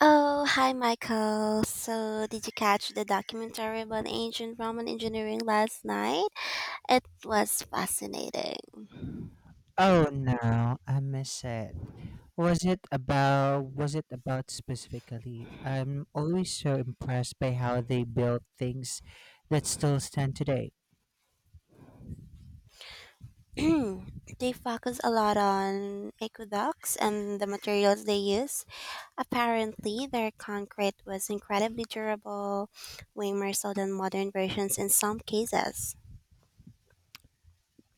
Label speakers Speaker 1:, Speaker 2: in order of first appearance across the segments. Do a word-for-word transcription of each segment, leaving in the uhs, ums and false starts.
Speaker 1: Oh, hi, Michael. So, did you catch the documentary about ancient Roman engineering last night? It was fascinating.
Speaker 2: Oh no, I miss it. Was it about was it about specifically? I'm always so impressed by how they built things that still stand today.
Speaker 1: They focus a lot on aqueducts and the materials they use. Apparently, their concrete was incredibly durable, way more so than modern versions in some cases.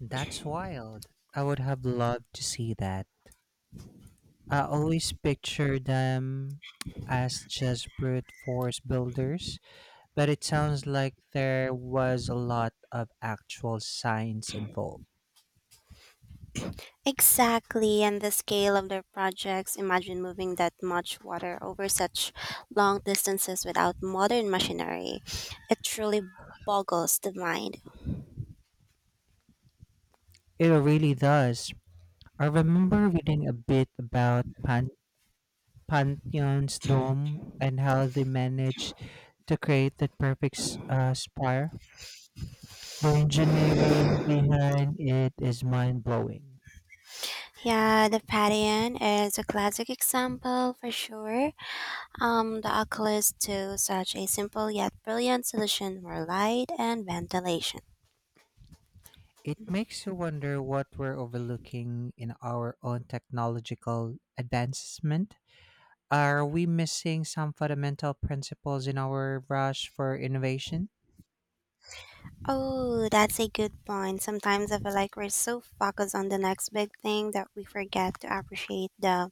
Speaker 2: That's wild. I would have loved to see that. I always picture them as just brute force builders, but it sounds like there was a lot of actual science involved.
Speaker 1: Exactly, and the scale of their projects. Imagine moving that much water over such long distances without modern machinery. It truly boggles the mind.
Speaker 2: It really does. I remember reading a bit about pan. Pantheon's dome and how they managed to create that perfect s- uh, spire. The engineering behind it is mind blowing.
Speaker 1: Yeah, the Padian is a classic example for sure. Um, the oculus to such a simple yet brilliant solution for light and ventilation.
Speaker 2: It makes you wonder what we're overlooking in our own technological advancement. Are we missing some fundamental principles in our rush for innovation?
Speaker 1: Oh, that's a good point. Sometimes I feel like we're so focused on the next big thing that we forget to appreciate the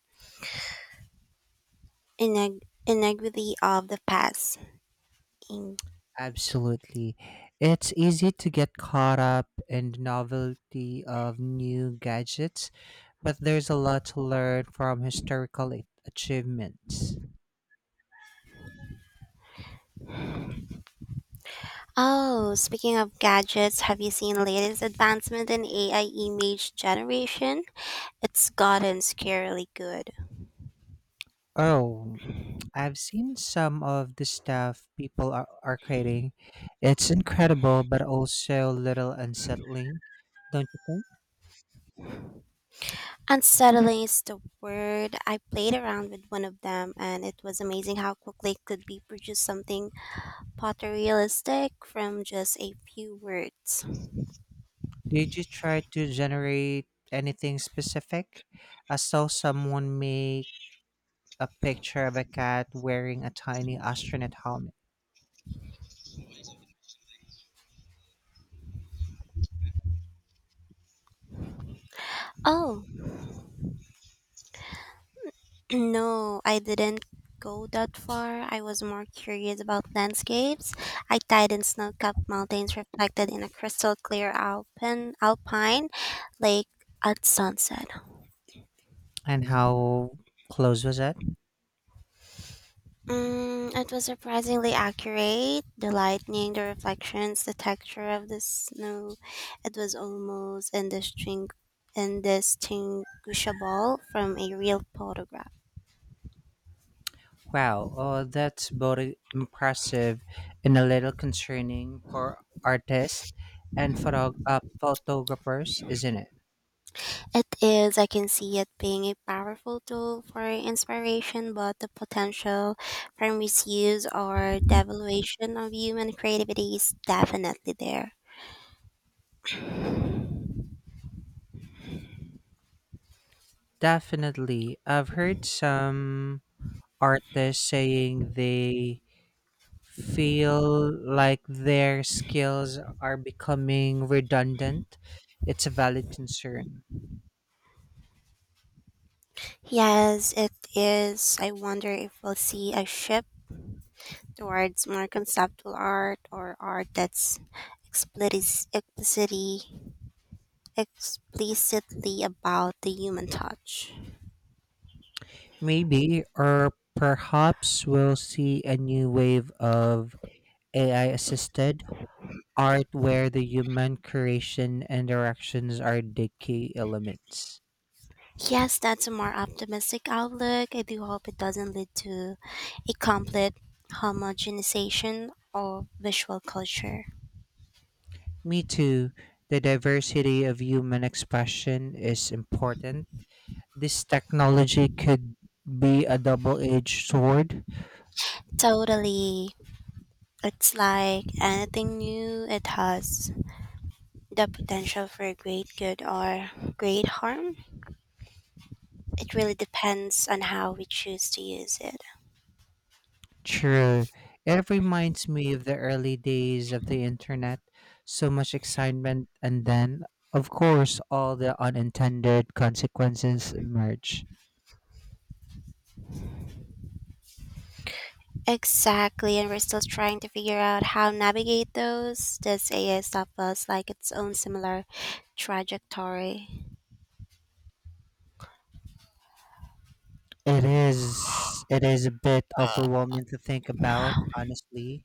Speaker 1: Ineg- inequity of the past. In-
Speaker 2: Absolutely. It's easy to get caught up in the novelty of new gadgets, but there's a lot to learn from historical a- achievements.
Speaker 1: oh, speaking of gadgets, have you seen latest advancement in A I image generation? It's gotten scarily good.
Speaker 2: Oh, I've seen some of the stuff people are, are creating. It's incredible, but also a little unsettling, don't you think?
Speaker 1: Unsettling is the word. I played around with one of them, and it was amazing how quickly it could be produced something photorealistic from just a few words.
Speaker 2: Did you try to generate anything specific? I saw someone make a picture of a cat wearing a tiny astronaut helmet.
Speaker 1: Oh, no, I didn't go that far. I was more curious about landscapes. I tied in snow-capped mountains reflected in a crystal clear alpine alpine lake at sunset.
Speaker 2: And how close was it?
Speaker 1: Mm, it was surprisingly accurate. The lightning, the reflections, the texture of the snow. It was almost indistingu- indistinguishable from a real photograph.
Speaker 2: Wow, oh, that's both impressive and a little concerning for artists and photog- uh, photographers, isn't it?
Speaker 1: It is, I can see it being a powerful tool for inspiration, but the potential for misuse or devaluation of human creativity is definitely there.
Speaker 2: Definitely. I've heard some artists saying they feel like their skills are becoming redundant. It's a valid concern.
Speaker 1: Yes, it is. I wonder if we'll see a shift towards more conceptual art or art that's explicit, explicitly explicitly about the human touch.
Speaker 2: Maybe, or perhaps, we'll see a new wave of A I assisted art where the human creation and directions are the key elements.
Speaker 1: Yes, that's a more optimistic outlook. I do hope it doesn't lead to a complete homogenization of visual culture.
Speaker 2: Me too, the diversity of human expression is important. This technology could be a double edged sword.
Speaker 1: Totally. It's like anything new, it has the potential for great good or great harm. It really depends on how we choose to use it.
Speaker 2: True. It reminds me of the early days of the internet. So much excitement, and then, of course, all the unintended consequences emerge.
Speaker 1: Exactly, and we're still trying to figure out how navigate those. This A I stuff feels like its own similar trajectory.
Speaker 2: It is it is a bit overwhelming to think about, honestly.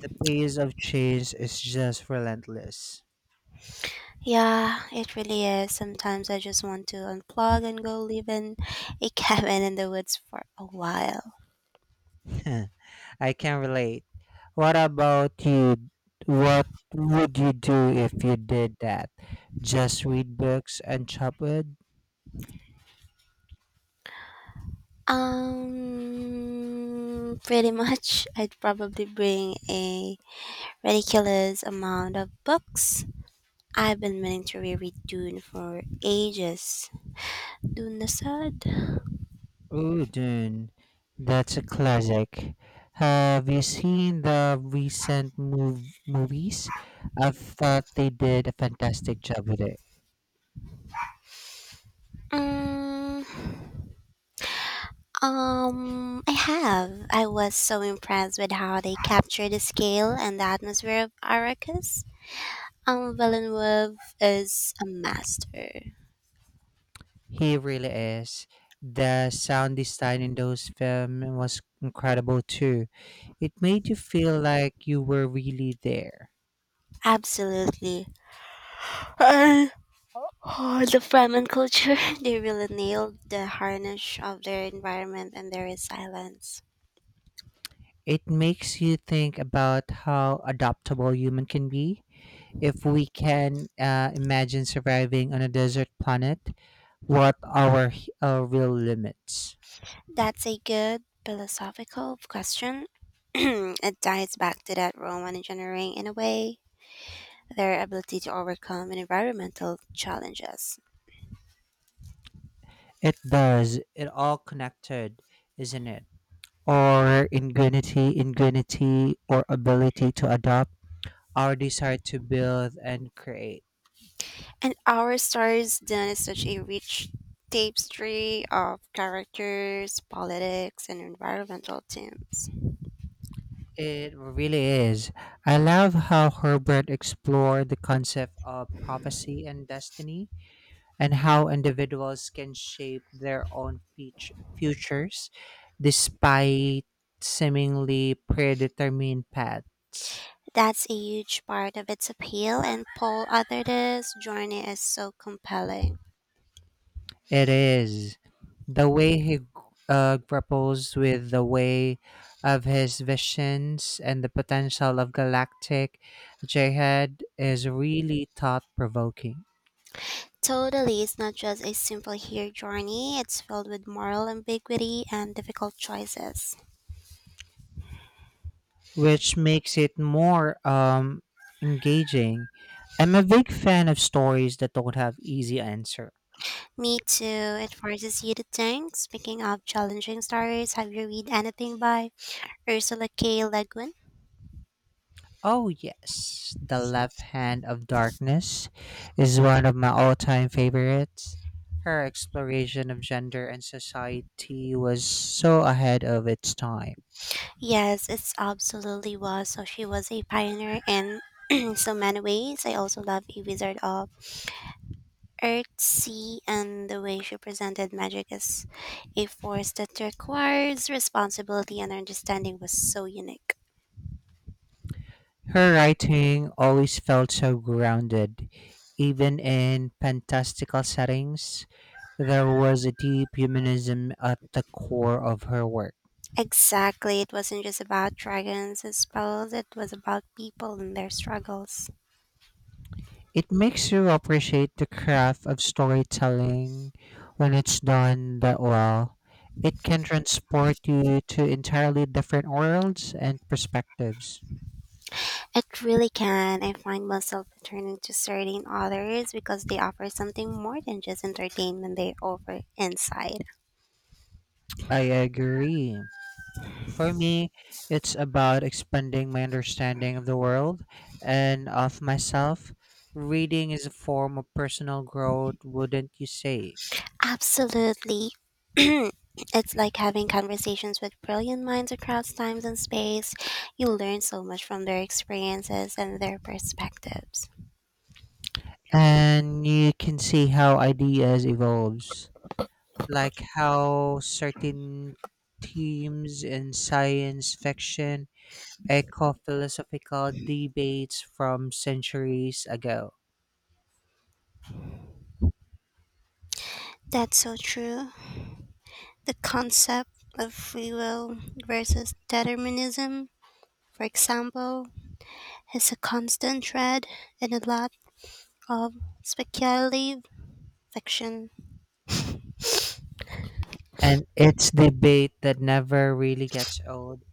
Speaker 2: The pace of change is just relentless.
Speaker 1: Yeah, it really is. Sometimes I just want to unplug and go live in a cabin in the woods for a while.
Speaker 2: I can relate. What about you? What would you do if you did that? Just read books and chop wood?
Speaker 1: Um, pretty much, I'd probably bring a ridiculous amount of books. I've been meaning to reread Dune for ages. Dune the Sod?
Speaker 2: Oh, Dune. That's a classic. Have you seen the recent move movies? I thought they did a fantastic job with it.
Speaker 1: Um, um, I have. I was so impressed with how they captured the scale and the atmosphere of Arrakis. Um, Villeneuve is a master.
Speaker 2: He really is. The sound design in those films was incredible too. It made you feel like you were really there.
Speaker 1: Absolutely. Uh, oh, the Fremen culture, they really nailed the harness of their environment and their resilience.
Speaker 2: It makes you think about how adaptable human can be. If we can uh, imagine surviving on a desert planet, what are h- our real limits?
Speaker 1: That's a good philosophical question. It ties back to that Roman engineering in a way, their ability to overcome environmental challenges.
Speaker 2: It does. It all connected, isn't it? Our ingenuity, ingenuity, or ability to adopt, our desire to build and create.
Speaker 1: And our stories then is such a rich tapestry of characters, politics, and environmental themes.
Speaker 2: It really is. I love how Herbert explored the concept of prophecy and destiny and how individuals can shape their own fut- futures despite seemingly predetermined paths.
Speaker 1: That's a huge part of its appeal, and Paul Arthur's journey is so compelling.
Speaker 2: It is the way he uh, grapples with the way of his visions, and the potential of galactic jihad is really thought provoking,
Speaker 1: Totally, it's not just a simple hero journey, it's filled with moral ambiguity and difficult choices.
Speaker 2: which makes it more um, engaging. I'm a big fan of stories that don't have easy answers.
Speaker 1: Me too, it forces you to think. Speaking of challenging stories, have you read anything by Ursula K. Le Guin?
Speaker 2: Oh, yes. The Left Hand of Darkness is one of my all time favorites. Her exploration of gender and society was so ahead of its time.
Speaker 1: Yes, it's absolutely was. So she was a pioneer in so many ways. I also love A Wizard of Earth, Sea, and the way she presented magic as a force that requires responsibility and understanding was so unique.
Speaker 2: Her writing always felt so grounded. Even in fantastical settings, there was a deep humanism at the core of her work.
Speaker 1: Exactly, it wasn't just about dragons and spells, it was about people and their struggles.
Speaker 2: It makes you appreciate the craft of storytelling when it's done that well. It can transport you to entirely different worlds and perspectives.
Speaker 1: It really can. I find myself returning to certain authors because they offer something more than just entertainment, they offer insight.
Speaker 2: I agree. For me, it's about expanding my understanding of the world and of myself. Reading is a form of personal growth, wouldn't you say?
Speaker 1: Absolutely. It's like having conversations with brilliant minds across times and space. You learn so much from their experiences and their perspectives.
Speaker 2: And you can see how ideas evolves, like how certain themes in science fiction echo philosophical debates from centuries ago.
Speaker 1: That's so true. The concept of free will versus determinism, for example, is a constant thread in a lot of speculative fiction.
Speaker 2: And it's debate that never really gets old.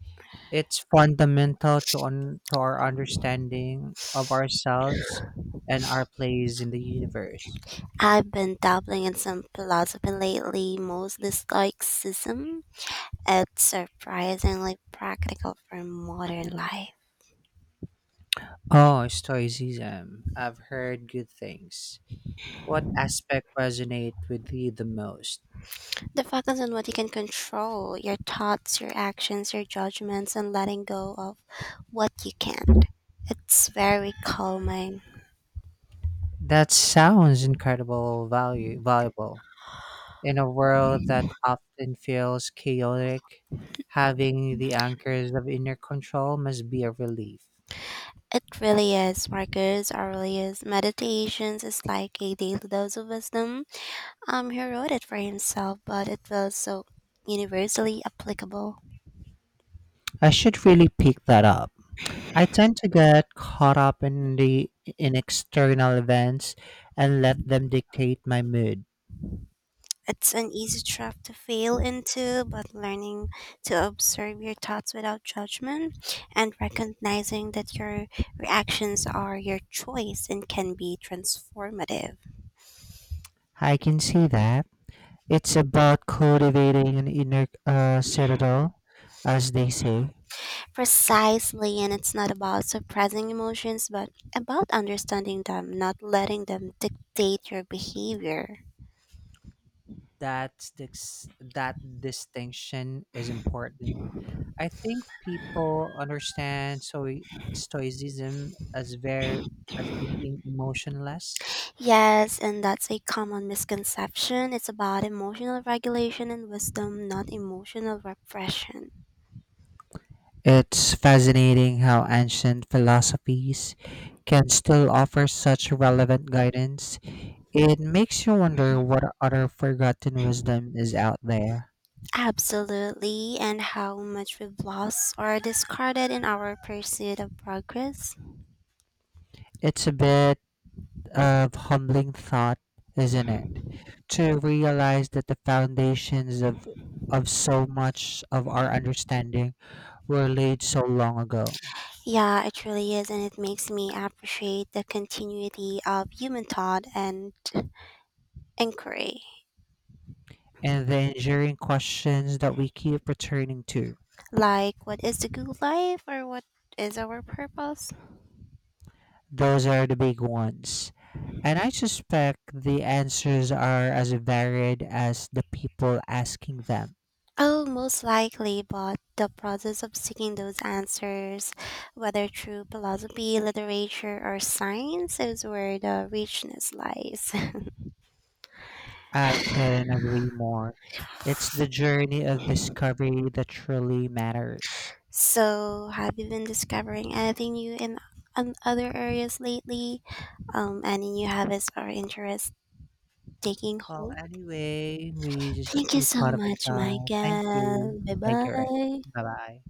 Speaker 2: It's fundamental to, un- to our understanding of ourselves and our place in the universe.
Speaker 1: I've been dabbling in some philosophy lately, mostly Stoicism. It's surprisingly practical for modern life.
Speaker 2: Oh, Stoicism. I've heard good things. What aspect resonate with you the most?
Speaker 1: The focus on what you can control your thoughts, your actions, your judgments, and letting go of what you can't. It's very calming.
Speaker 2: That sounds incredible value valuable. In a world that often feels chaotic, having the anchors of inner control must be a relief.
Speaker 1: It really is, Marcus. It really is. Meditations is like a daily dose of wisdom. Um, he wrote it for himself, but it feels so universally applicable.
Speaker 2: I should really pick that up. I tend to get caught up in the in external events and let them dictate my mood.
Speaker 1: It's an easy trap to fail into, but learning to observe your thoughts without judgment and recognizing that your reactions are your choice and can be transformative.
Speaker 2: I can see that. It's about cultivating an inner uh, citadel, as they say.
Speaker 1: Precisely, and it's not about suppressing emotions, but about understanding them, not letting them dictate your behavior.
Speaker 2: That dis- that distinction is important. I think people understand so stoicism as very as being emotionless.
Speaker 1: Yes, and that's a common misconception. It's about emotional regulation and wisdom, not emotional repression.
Speaker 2: It's fascinating how ancient philosophies can still offer such relevant guidance. It makes you wonder what other forgotten wisdom is out there.
Speaker 1: Absolutely, and how much we've lost or discarded in our pursuit of progress.
Speaker 2: It's a bit of humbling thought, isn't it? To realize that the foundations of of so much of our understanding were laid so long ago.
Speaker 1: Yeah, it really is, and it makes me appreciate the continuity of human thought and inquiry.
Speaker 2: And the enduring questions that we keep returning to.
Speaker 1: Like, what is the good life, or what is our purpose?
Speaker 2: Those are the big ones. And I suspect the answers are as varied as the people asking them.
Speaker 1: Oh, most likely, but the process of seeking those answers, whether through philosophy, literature, or science, is where the richness lies.
Speaker 2: I couldn't agree more. It's the journey of discovery that truly matters.
Speaker 1: So, have you been discovering anything new in on other areas lately? Um, any new habits or interests taking
Speaker 2: Well,
Speaker 1: hold?
Speaker 2: anyway, we just
Speaker 1: Thank you
Speaker 2: we
Speaker 1: so
Speaker 2: caught up a
Speaker 1: much,
Speaker 2: time. Thank you.
Speaker 1: Michael. Bye
Speaker 2: Thank you, Ray.
Speaker 1: bye.
Speaker 2: Bye bye.